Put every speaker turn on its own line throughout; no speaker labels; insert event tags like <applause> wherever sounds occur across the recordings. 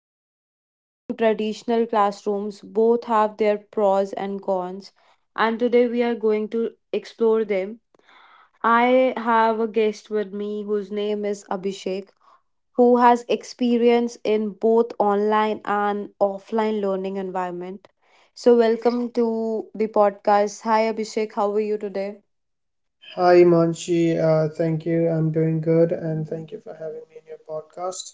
From Zoom class to traditional classrooms, both have their pros and cons. And today we are going to explore them. I have a guest with me whose name is Abhishek, who has experience in both online and offline learning environment. So, welcome to the podcast. Hi, Abhishek. How are you today?
Hi, Manshi. Thank you. I'm doing good, and thank you for having me in your podcast.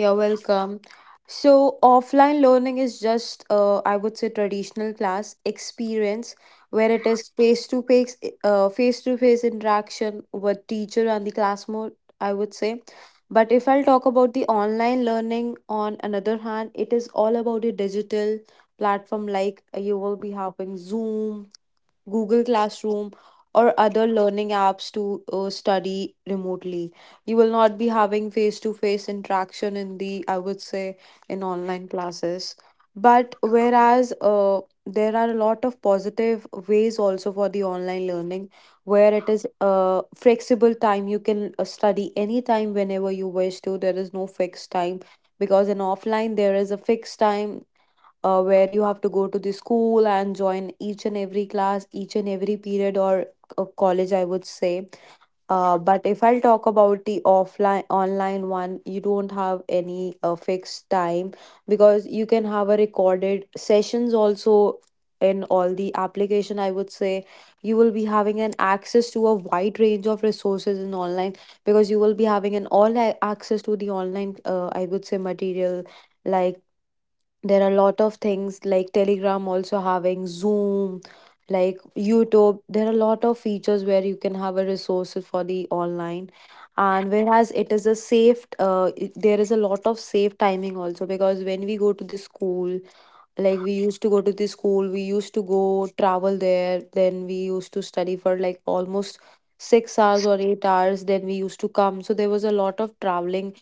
You're welcome. So, offline learning is just, I would say, traditional class experience where it is face to face, interaction with teacher and the class mode. I would say. But if I'll talk about the online learning, on another hand, it is all about the digital platform. Like you will be having Zoom, Google Classroom, or other learning apps to study remotely. You will not be having face to face interaction in the, I would say, in online classes. But whereas there are a lot of positive ways also for the online learning, where it is flexible time, you can study anytime whenever you wish to. There is no fixed time because in offline there is a fixed time where you have to go to the school and join each and every class, each and every period or college, I would say. But if I'll talk about the offline online one, you don't have any fixed time because you can have a recorded sessions also in all the application. I would say you will be having an access to a wide range of resources in online, because you will be having an access to the online. I would say material, like there are a lot of things like Telegram, also having Zoom, like YouTube. There are a lot of features where you can have a resources for the online. And whereas it is a safe, there is a lot of safe timing also, because when we go to the school, like we used to go to the school, we used to go travel there, then we used to study for like almost 6 hours or 8 hours, then we used to come. So there was a lot of traveling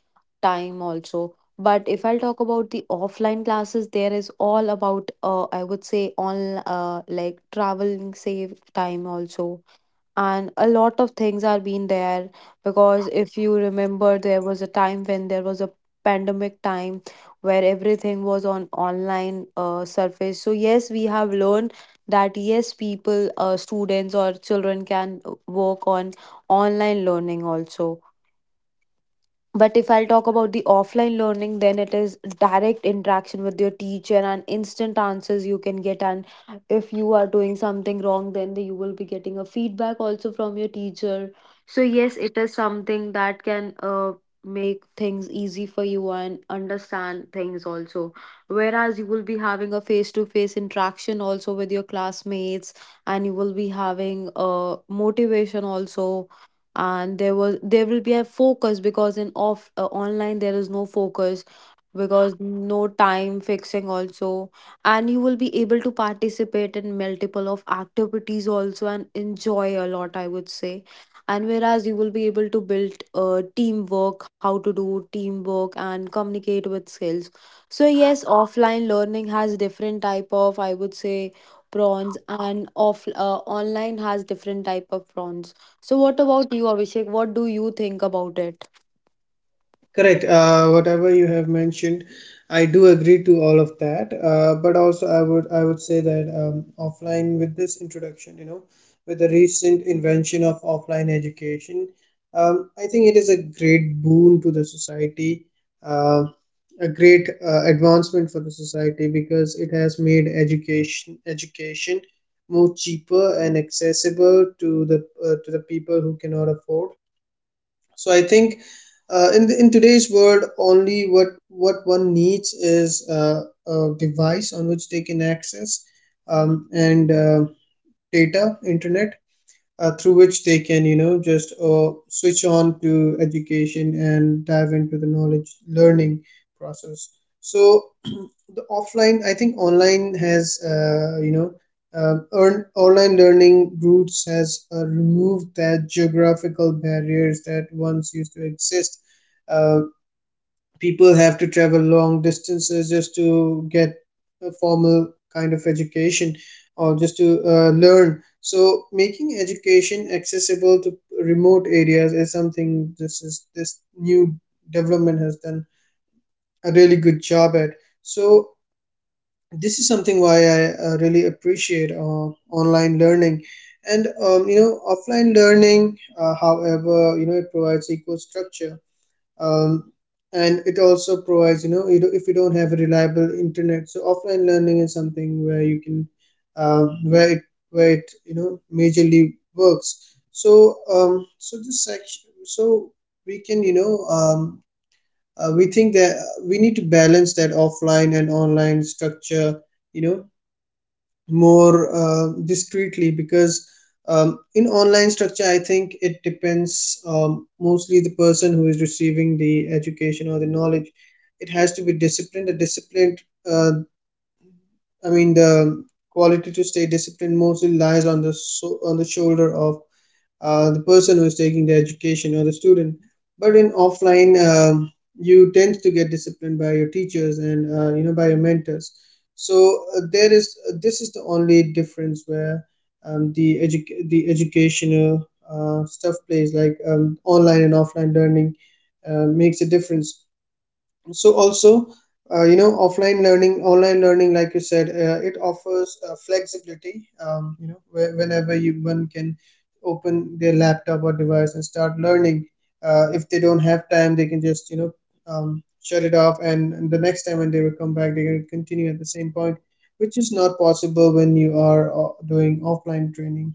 time also. But if I'll talk about the offline classes, there is all about I would say on like traveling save time also, and a lot of things are being there. Because if you remember, there was a time when there was a pandemic time where everything was on online surface. So yes, we have learned that yes, people students or children can work on online learning also. But if I'll talk about the offline learning, then it is direct interaction with your teacher and instant answers you can get. And if you are doing something wrong, then you will be getting a feedback also from your teacher. So, yes, it is something that can make things easy for you and understand things also. Whereas you will be having a face to face interaction also with your classmates, and you will be having motivation also, and there will be a focus, because in off online there is no focus, because no time fixing also. And you will be able to participate in multiple of activities also and enjoy a lot, I would say. And whereas you will be able to build teamwork, how to do teamwork and communicate with skills. So yes, offline learning has different type of, I would say, prawns, and off online has different type of prawns. So, what about you, Abhishek? What do you think about it?
Correct. Whatever you have mentioned, I do agree to all of that. But also, I would say that offline with this introduction, with the recent invention of offline education, I think it is a great boon to the society, uh, a great advancement for the society because it has made education more cheaper and accessible to the people who cannot afford. So I think in today's world, only what one needs is a device on which they can access and data, internet, through which they can just switch on to education and dive into the knowledge learning process. So <clears throat> the offline I think online has online learning routes has removed that geographical barriers that once used to exist. uh, People have to travel long distances just to get a formal kind of education or just to learn. So making education accessible to remote areas is something this is this new development has done a really good job at. So this is something why I really appreciate online learning. And offline learning, however, it provides equal structure, um, and it also provides, you know, if you don't have a reliable internet, so offline learning is something where you can uh, where it you know majorly works. So so this section so we can, we think that we need to balance that offline and online structure, you know, more discreetly, because in online structure I think it depends, mostly the person who is receiving the education or the knowledge, it has to be disciplined. Uh, I mean the quality to stay disciplined mostly lies on the on the shoulder of the person who's taking the education or the student. But in offline, you tend to get disciplined by your teachers and by your mentors. So there is this is the only difference where the educational stuff plays like, online and offline learning makes a difference. So also, offline learning, online learning, like you said, it offers flexibility, you know, whenever you one can open their laptop or device and start learning. If they don't have time, they can just, shut it off, and the next time when they will come back, they can continue at the same point, which is not possible when you are doing offline training.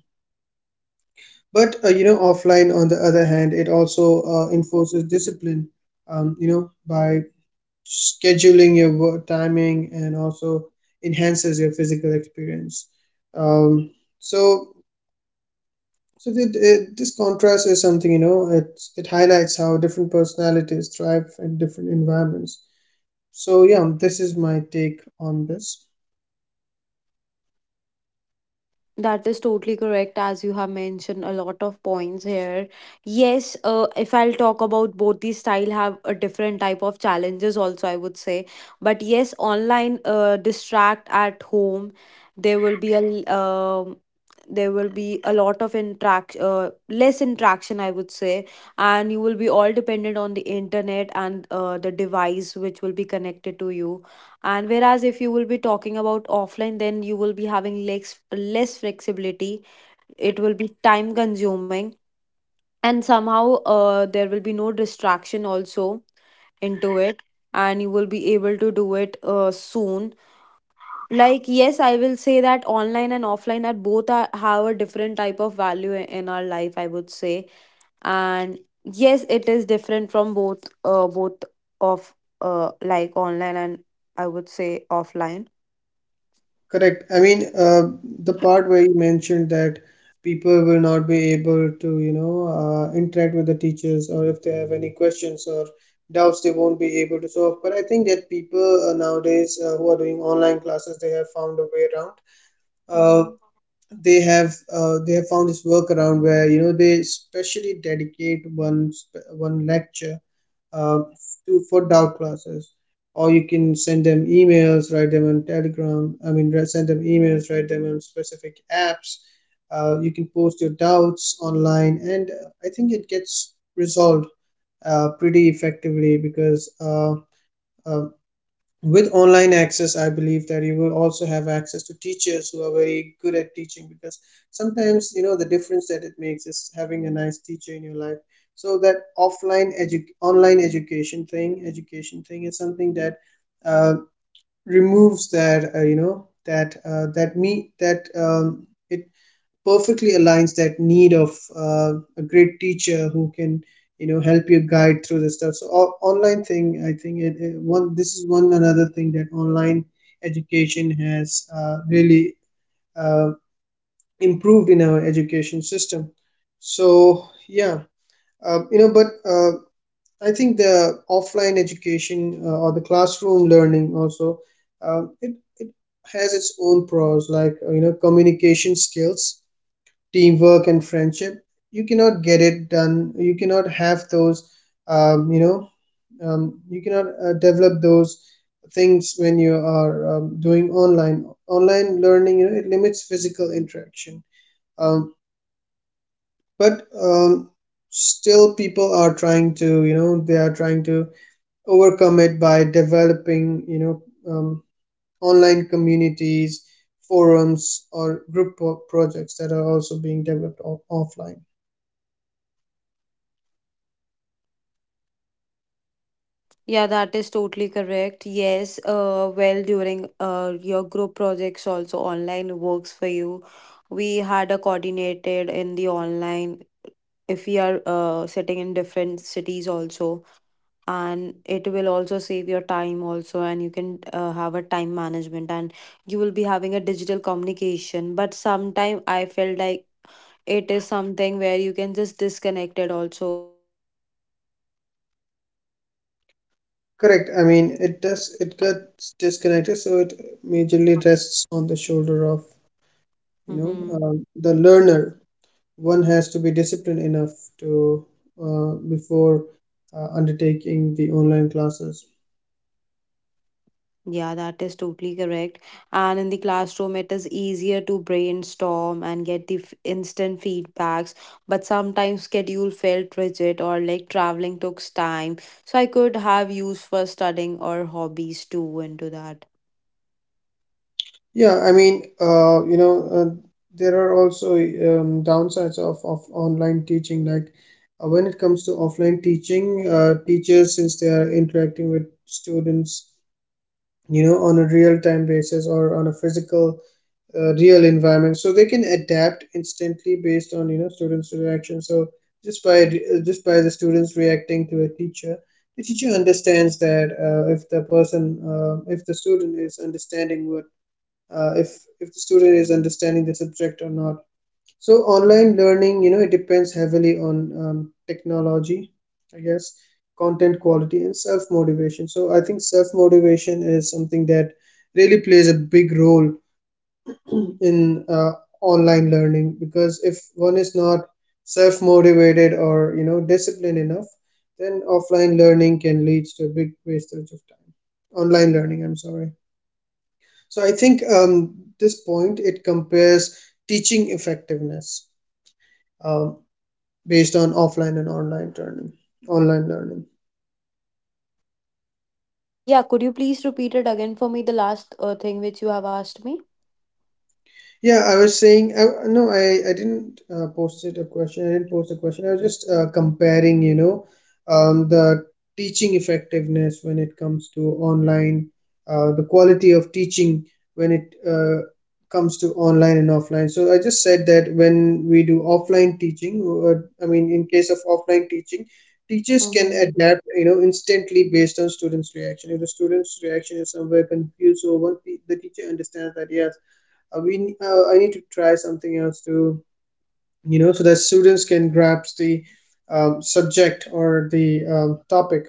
But offline, on the other hand, it also enforces discipline, by scheduling your work timing, and also enhances your physical experience. um, so this contrast is something, you know, it highlights how different personalities thrive in different environments. So yeah, this is my take on this.
That is totally correct, as you have mentioned a lot of points here. Yes, if I'll talk about, both these style have a different type of challenges also, I would say. But yes, online distract at home, there will be a l- um, there will be a lot of interact less interaction, I would say. And you will be all dependent on the internet and the device which will be connected to you. And whereas if you will be talking about offline, then you will be having less flexibility. It will be time consuming, and somehow there will be no distraction also into it, and you will be able to do it soon. Like yes, I will say that online and offline are have a different type of value in our life, I would say. And yes, it is different from both of like online and, I would say, offline.
Correct. I mean, the part where you mentioned that people will not be able to, you know, interact with the teachers, or if they have any questions or doubts, they won't be able to solve. But I think that people nowadays who are doing online classes, they have found a way around. Uh,
Mhm.
they have found this workaround where, you know, they specially dedicate one lecture uh, to for doubt classes, or you can send them emails, write them on telegram, send them emails, write them on specific apps. You can post your doubts online, and I think it gets resolved pretty effectively, because uh, with online access I believe that you will also have access to teachers who are very good at teaching, because sometimes, you know, the difference that it makes is having a nice teacher in your life. So that online education thing is something that uh, removes that, you know that that me that it perfectly aligns that need of a great teacher who can, you know, help you guide through the stuff. So online thing, I think it, it one this is one another thing that online education has really uh, improved in our education system. So yeah, but uh, I think the offline education or the classroom learning also, it, it has its own pros, like, you know, communication skills, teamwork and friendship. You cannot get it done You cannot have those, um, you know you cannot develop those things when you are doing online learning. You know, it limits physical interaction, um, but still people are trying to, you know, they are trying to overcome it by developing, um, online communities, forums or projects that are also being developed offline.
Yeah, that is totally correct. Yes, well, during your group projects, also online works for you. We had a coordinated in the online, if we are sitting in different cities also, and it will also save your time also, and you can have a time management, and you will be having a digital communication. But sometime I felt like it is something where you can just disconnect it also.
Correct. I mean, it does, it gets disconnected, so it majorly rests on the shoulder of, you know,
Mm-hmm.
the learner. One has to be disciplined enough to, before undertaking the online classes.
Yeah, that is totally correct. And in the classroom, it is easier to brainstorm and get the instant feedbacks. But sometimes schedule felt rigid, or like traveling took time. So I could have used for studying or hobbies too into that.
Yeah, I mean, there are also downsides of online teaching. Like when it comes to offline teaching, teachers, since they are interacting with students, you know, on a real time basis or on a physical real environment, so they can adapt instantly based on, you know, students reaction. So just by the students reacting to a teacher, the teacher understands that if the student is understanding what uh, if if the student is understanding the subject or not. So online learning, you know, it depends heavily on technology, I guess, content quality and self motivation. So I think self motivation is something that really plays a big role in online learning, because if one is not self motivated or, you know, disciplined enough, then offline learning can lead to a big wastage of time. Online learning, I'm sorry. So I think this point it compares teaching effectiveness, um, based on offline and online learning. online learning
Yeah, could you please repeat it again for me, the last thing which you have asked me?
Yeah, I was saying, I, no, I didn't posted a question. I didn't post a question. I was just comparing, you know, the teaching effectiveness when it comes to online, the quality of teaching when it comes to online and offline. So I just said that when we do offline teaching, or, I mean, in case of offline teaching, teachers can
Mm-hmm.
adapt, you know, instantly based on students' reaction. If the student's reaction is somewhere confused or what, the teacher understands that, yes, we I need to try something else to, you know, so that students can grasp the subject or the topic.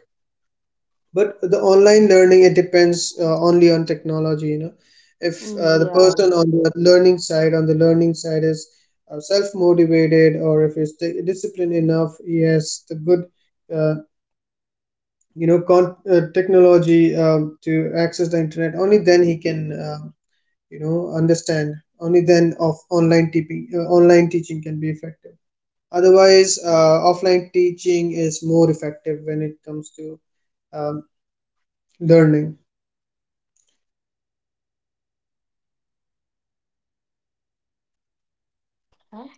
But the online learning, it depends only on technology. You know, if the person
Yeah.
on the learning side on the learning side is self motivated, or if it's disciplined enough, he has the good uh, technology to access the internet. Only then he can. You know understand. Only then of online teaching can be effective. Otherwise, offline teaching is more effective when it comes to um, learning.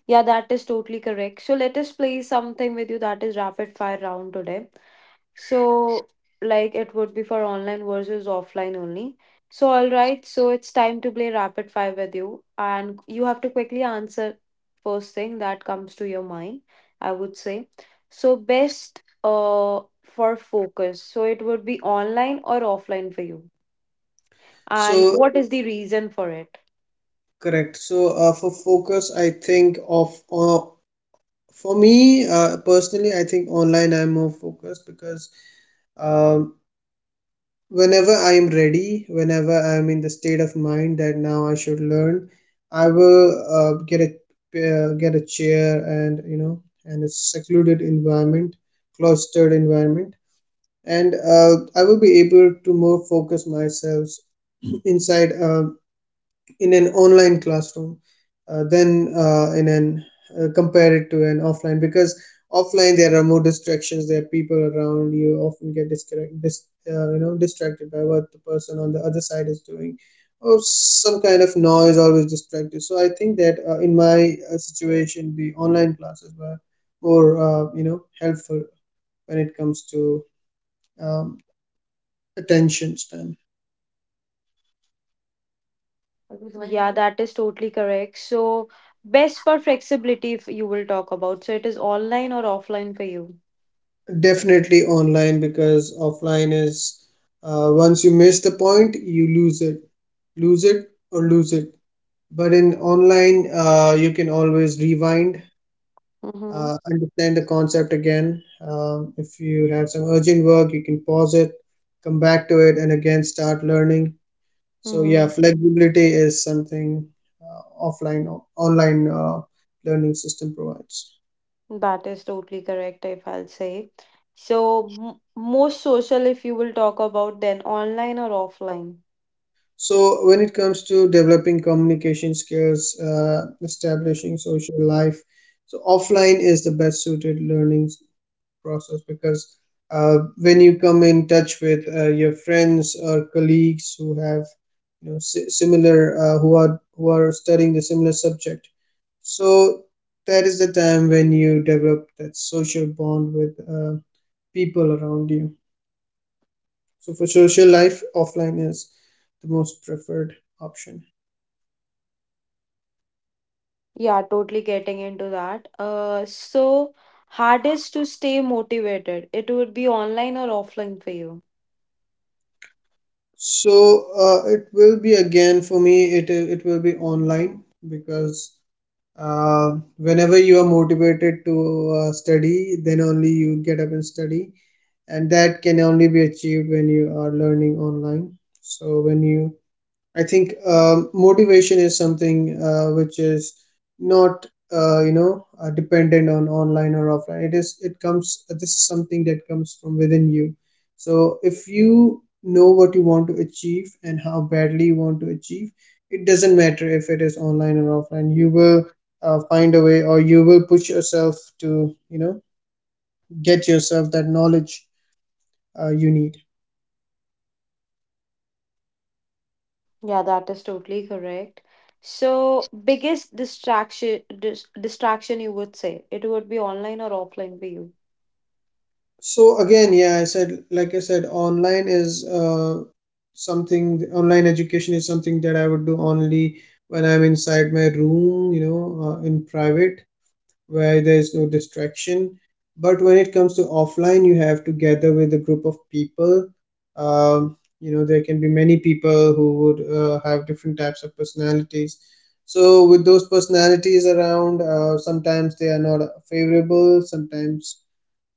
Yeah, that is totally correct. So let us play something with you, that is rapid fire round today. So, like it would be for online versus offline only. So, all right, so it's time to play rapid fire with you, and you have to quickly answer first thing that comes to your mind, I would say. So, best for focus. So it would be online or offline for you. And
so
what is the reason for it?
correct so uh, for focus, I think of for me personally I think online I'm more focused, because um, whenever I am ready, whenever I am in the state of mind that now I should learn, I will uh, get a get a chair and, you know, and a secluded environment, cloistered environment, and I will be able to more focus myself inside in an online classroom than in an compare it to an offline, because offline there are more distractions, there are people around, you often get you know distracted by what the person on the other side is doing, or some kind of noise, always distracted. So I think that in my situation the online classes were more helpful when it comes to um, attention span.
Right. Yeah, that is totally correct. So, best for flexibility, if you will talk about. So, it is online or offline for you.
Definitely online, because offline is, once you miss the point, you lose it or lose it. But in online, you can always rewind,
Mm-hmm.
understand the concept again. If you have some urgent work, you can pause it, come back to it, and again start learning. So yeah,
Mm-hmm.
flexibility is something uh, offline, online learning system provides.
That is totally correct, if I'll say. So, most social, if you will talk about, then online or offline.
So, when it comes to developing communication skills, establishing social life, so offline is the best suited learning process because when you come in touch with your friends or colleagues who have similar, who are studying the similar subject, so that is the time when you develop that social bond with people around you. So, for social life, offline is the most preferred option.
Yeah, totally getting into that. So hardest to stay motivated, it would be online or offline for you.
So it will be again for me. It will be online because whenever you are motivated to study, then only you get up and study, and that can only be achieved when you are learning online. So when you I think motivation is something which is not dependent on online or offline. It is it comes This is something that comes from within you. So if you know what you want to achieve and how badly you want to achieve, it doesn't matter if it is online or offline. You will find a way, or you will push yourself to get yourself that knowledge you need.
Yeah, that is totally correct. So, biggest distraction, you would say it would be online or offline for you.
So again, yeah, I said, like I said, online is online education is something that I would do only when I'm inside my room, you know, in private, where there is no distraction. But when it comes to offline, you have to gather with a group of people. You know, there can be many people who would have different types of personalities. So with those personalities around, sometimes they are not favorable, sometimes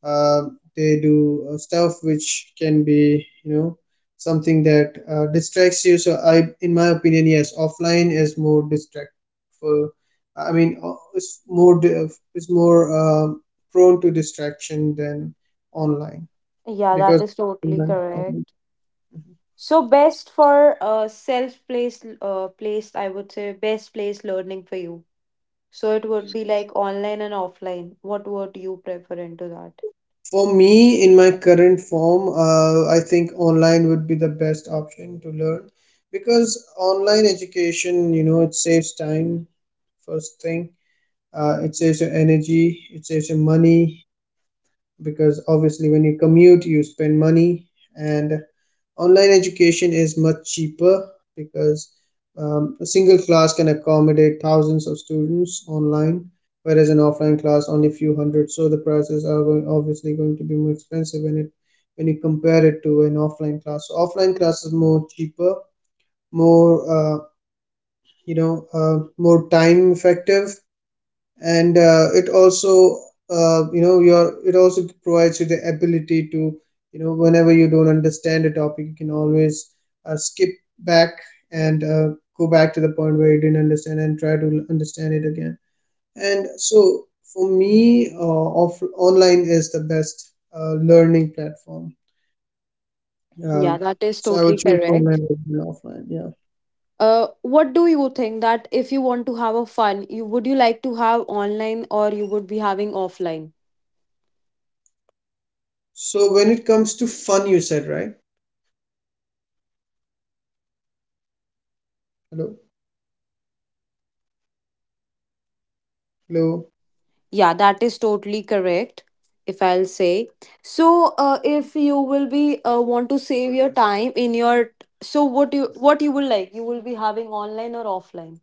uh, they do stuff which can be, you know, something that distracts you. So I in my opinion, yes, offline is more distractful. I mean, it's more, prone to distraction than online
Yeah, that
because...
is totally
Mhm.
correct. So, best for self-placed placed, I would say, best place learning for you. So it would be like online and offline. What would you prefer into that?
For me, in my current form, I think online would be the best option to learn because online education, you know, it saves time, first thing. It saves your energy, it saves your money because obviously when you commute you spend money. And online education is much cheaper because, a single class can accommodate thousands of students online, whereas an offline class only few hundred. So the prices are going, obviously going to be more expensive when you compare it to an offline class. So offline class is more cheaper, more, uh, more time effective. And it also, you know your it also provides you the ability to, you know, whenever you don't understand a topic, you can always skip back and go back to the point where you didn't understand and try to understand it again. And so, for me, off online is the best learning platform.
Yeah,
um,
that is
so I would
totally
choose online
correct.
over than offline. Yeah.
What do you think that if you want to have a fun, you like to have online, or you would be having offline?
So when it comes to fun, you said, right? Hello? Hello?
Yeah, that is totally correct, if I'll say. So, if you will be want to save your time in your, so what you will like, you will be having online or offline.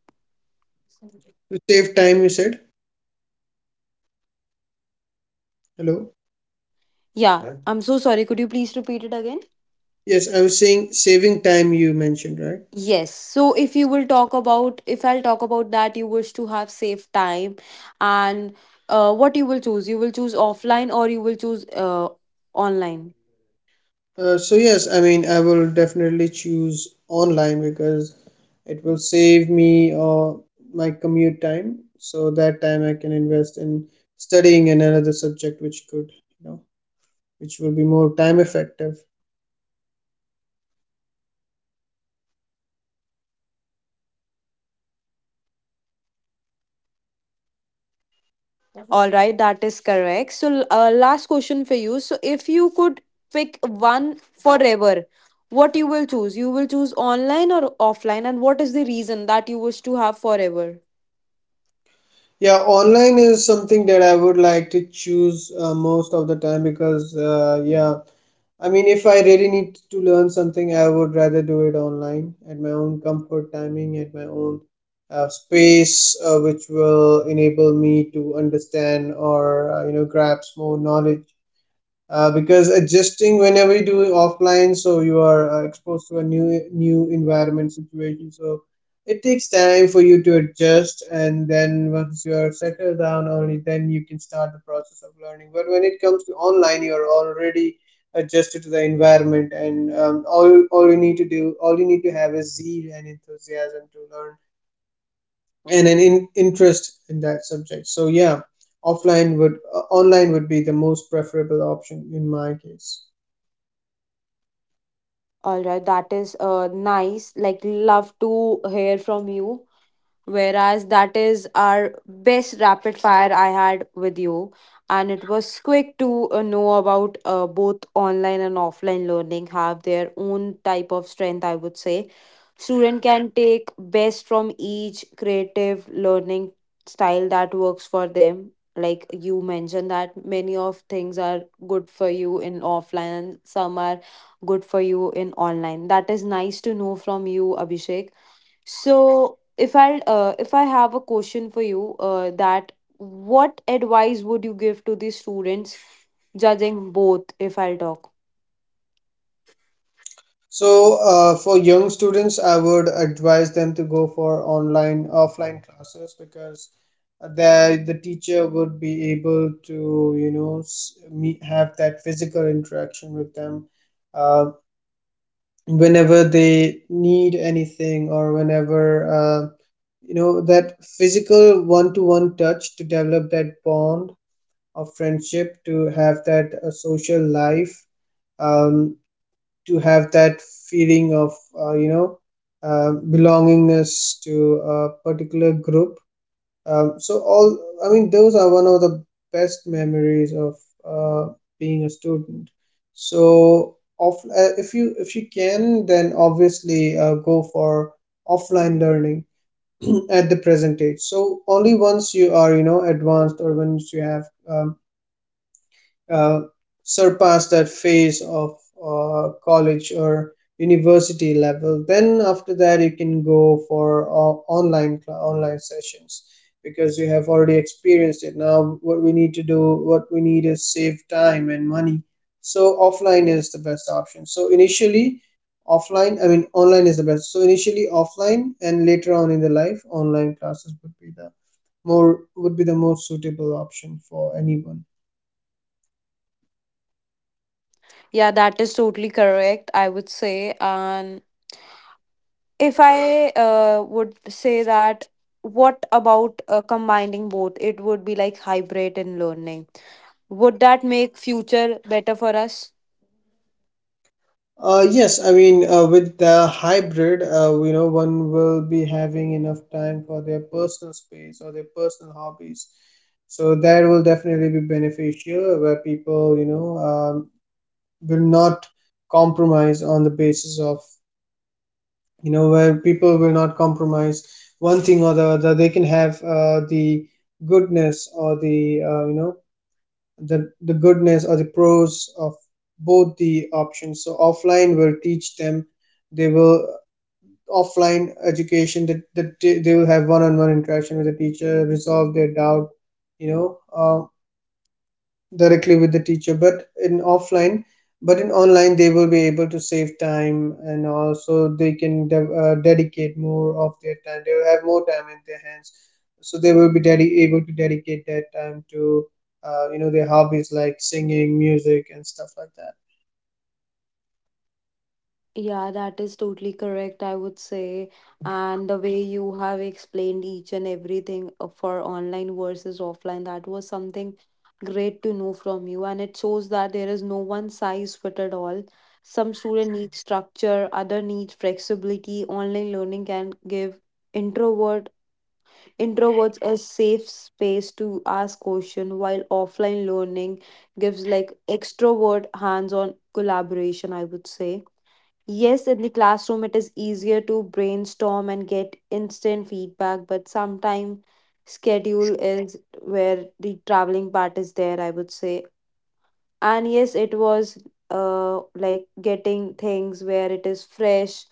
To save time, you said? Hello?
Yeah, I'm so sorry. Could you please repeat it again?
Yes, I was saying saving time you mentioned, right?
Yes. So, if you will talk about, if I'll talk about that, you wish to have save time, and what you will choose? You will choose offline, or you will choose online?
So yes, I mean I will definitely choose online because it will save me my commute time. So that time I can invest in studying in another subject which could, you know, which will be more time effective.
All right, that is correct. So, last question for you. So, if you could pick one forever, what you will choose? You will choose online or offline, and what is the reason that you wish to have forever?
Yeah, online is something that I would like to choose most of the time because, yeah, I mean, if I really need to learn something, I would rather do it online at my own comfort timing, at my own space, which will enable me to understand or, grasp more knowledge because adjusting, whenever you do it offline, so you are exposed to a new new environment situation. So it takes time for you to adjust and then once you are settled down only then you can start the process of learning. But when it comes to online, you are already adjusted to the environment. And, all you need to do, all you need to have is zeal and enthusiasm to learn and an interest in that subject. So yeah, offline would online would be the most preferable option in my case.
All right, that is nice. Like, love to hear from you. Whereas that is our best rapid fire I had with you. And it was quick to know about both online and offline learning have their own type of strength, I would say. Student can take best from each creative learning style that works for them. Like you mentioned that many of things are good for you in offline and some are good for you in online. That is nice to know from you, Abhishek. So if I have a question for you, that what advice would you give to the students, judging both? If I'll talk,
So for young students, I would advise them to go for online offline classes because the teacher would be able to, you know, meet, have that physical interaction with them uh, whenever they need anything or whenever. Uh, you know that physical one-to-one touch to develop that bond of friendship, to have that social life, um, to have that feeling of uh, you know belongingness to a particular group. Um, so all i mean, those are one of the best memories of uh, being a student. So if you, if you can, then obviously go for offline learning <clears throat> at the present age. So only once you are, you know, advanced, or once you have, um, uh, surpass that phase of college or university level, then after that you can go for online cla online sessions because you have already experienced it. Now what we need is save time and money. So offline is the best option. So initially offline I mean online is the best. So initially offline and later on in the life, online classes would be the most suitable option for anyone.
yeah, that is totally correct. I would say, and if I would say, that what about combining both? It would be like hybrid in learning. Would that make future better for us?
Yes, I mean, with the hybrid, you know, one will be having enough time for their personal space or their personal hobbies. So that will definitely be beneficial where people, you know, will not compromise on the basis of, you know, where people will not compromise one thing or the other. They can have the goodness or the, you know, the goodness or the pros of both the options. So offline will teach them, they will offline education that they will have one-on-one interaction with the teacher, resolve their doubt, you know uh, directly with the teacher. But in online, they will be able to save time and also they can dedicate more of their time. They will have more time in their hands, so they will be able to dedicate that time to, their hobbies like singing, music, and stuff like that.
Yeah, that is totally correct, I would say. And the way you have explained each and everything for online versus offline, that was something great to know from you. And it shows that there is no one size fitted all. Some student need structure, other need flexibility. Online learning can give introvert introverts a safe space to ask question, while offline learning gives like extrovert hands-on collaboration, I would say. Yes, in the classroom, it is easier to brainstorm and get instant feedback, but sometimes schedule is where the traveling part is there, I would say. And yes, it was like getting things where it is fresh,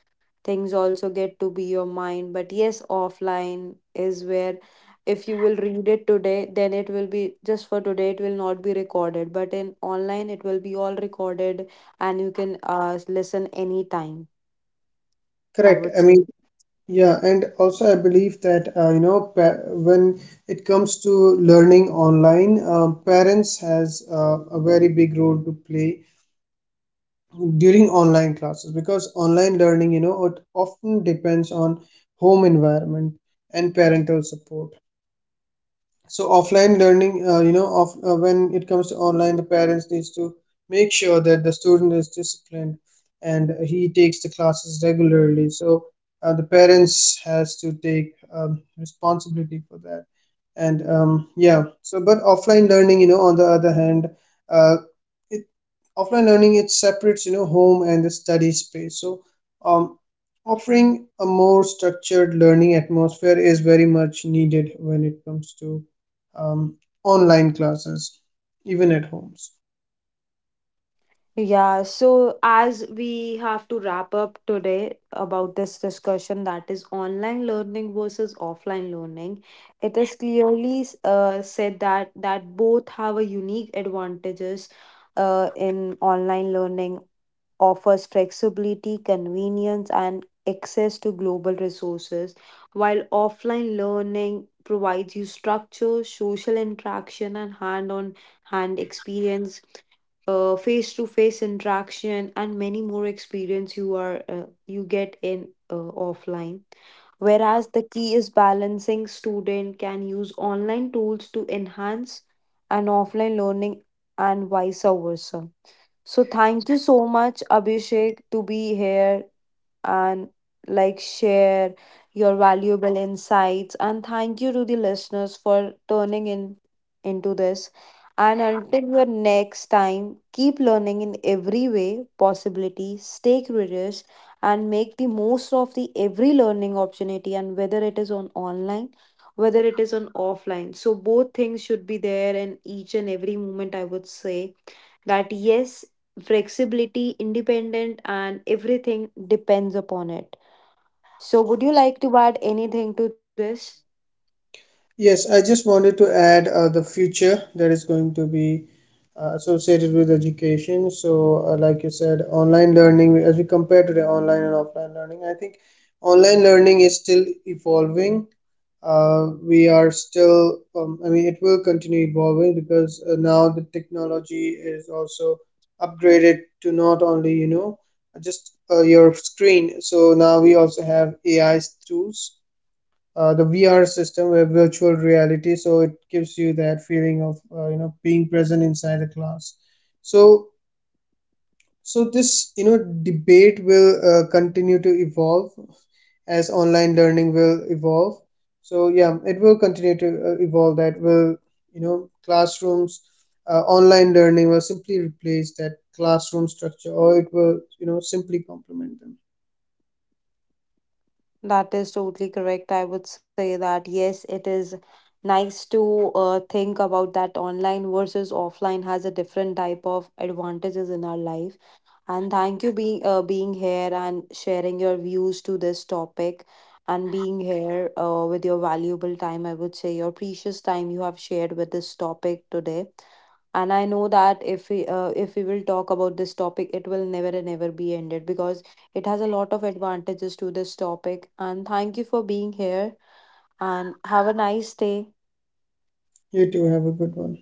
things also get to be your mind. But yes, offline is where, if you will read it today, then it will be just for today, it will not be recorded. But in online, it will be all recorded and you can listen anytime. I
Correct,
would
I mean,
say.
yeah, and also I believe that, when it comes to learning online, parents has a very big role to play during online classes because online learning, you know, it often depends on home environment and parental support. So offline learning you know of when it comes to online, the parents needs to make sure that the student is disciplined and he takes the classes regularly. So the parents has to take responsibility for that. And, yeah, so but offline learning, you know, on the other hand, uh, it offline learning, it separates, you know, home and the study space. So, um, offering a more structured learning atmosphere is very much needed when it comes to, um, online classes, even at homes.
Yeah, so as we have to wrap up today about this discussion that is online learning versus offline learning, it is clearly said that both have a unique advantages. In online learning offers flexibility, convenience and access to global resources, while offline learning provides you structure, social interaction and hand experience, face-to-face interaction and many more experience you get in offline. Whereas the key is balancing. Student can use online tools to enhance an offline learning and vice versa. So thank you so much, Abhishek, to be here and like share your valuable insights. And thank you to the listeners for turning in into this. And until your next time, keep learning in every way possibility, stay curious, and make the most of the every learning opportunity. And whether it is on online, whether it is on offline, so both things should be there in each and every moment. I would say that yes, flexibility, independent, and everything depends upon it. So, would you like to add anything to this?
Yes, I just wanted to add the future that is going to be associated with education. So, like you said, online learning, as we compare today, online and offline learning, I think online learning is still evolving. I mean, it will continue evolving because now the technology is also upgraded to not only, you know, just your screen. So now we also have AI tools, the VR system, where virtual reality, so it gives you that feeling of, being present inside a class. So this, you know, debate will continue to evolve as online learning will evolve. So yeah, it will continue to evolve. That will, you know, classrooms. Online learning will simply replace that classroom structure, or it will, you know, simply complement them.
That is totally correct. I would say that yes, it is nice to think about that online versus offline has a different type of advantages in our life. And thank you being here and sharing your views to this topic, and being here with your valuable time, I would say your precious time you have shared with this topic today. And I know that if we will talk about this topic, it will never and never be ended because it has a lot of advantages to this topic. And thank you for being here. And have a nice day.
You too, have a good one.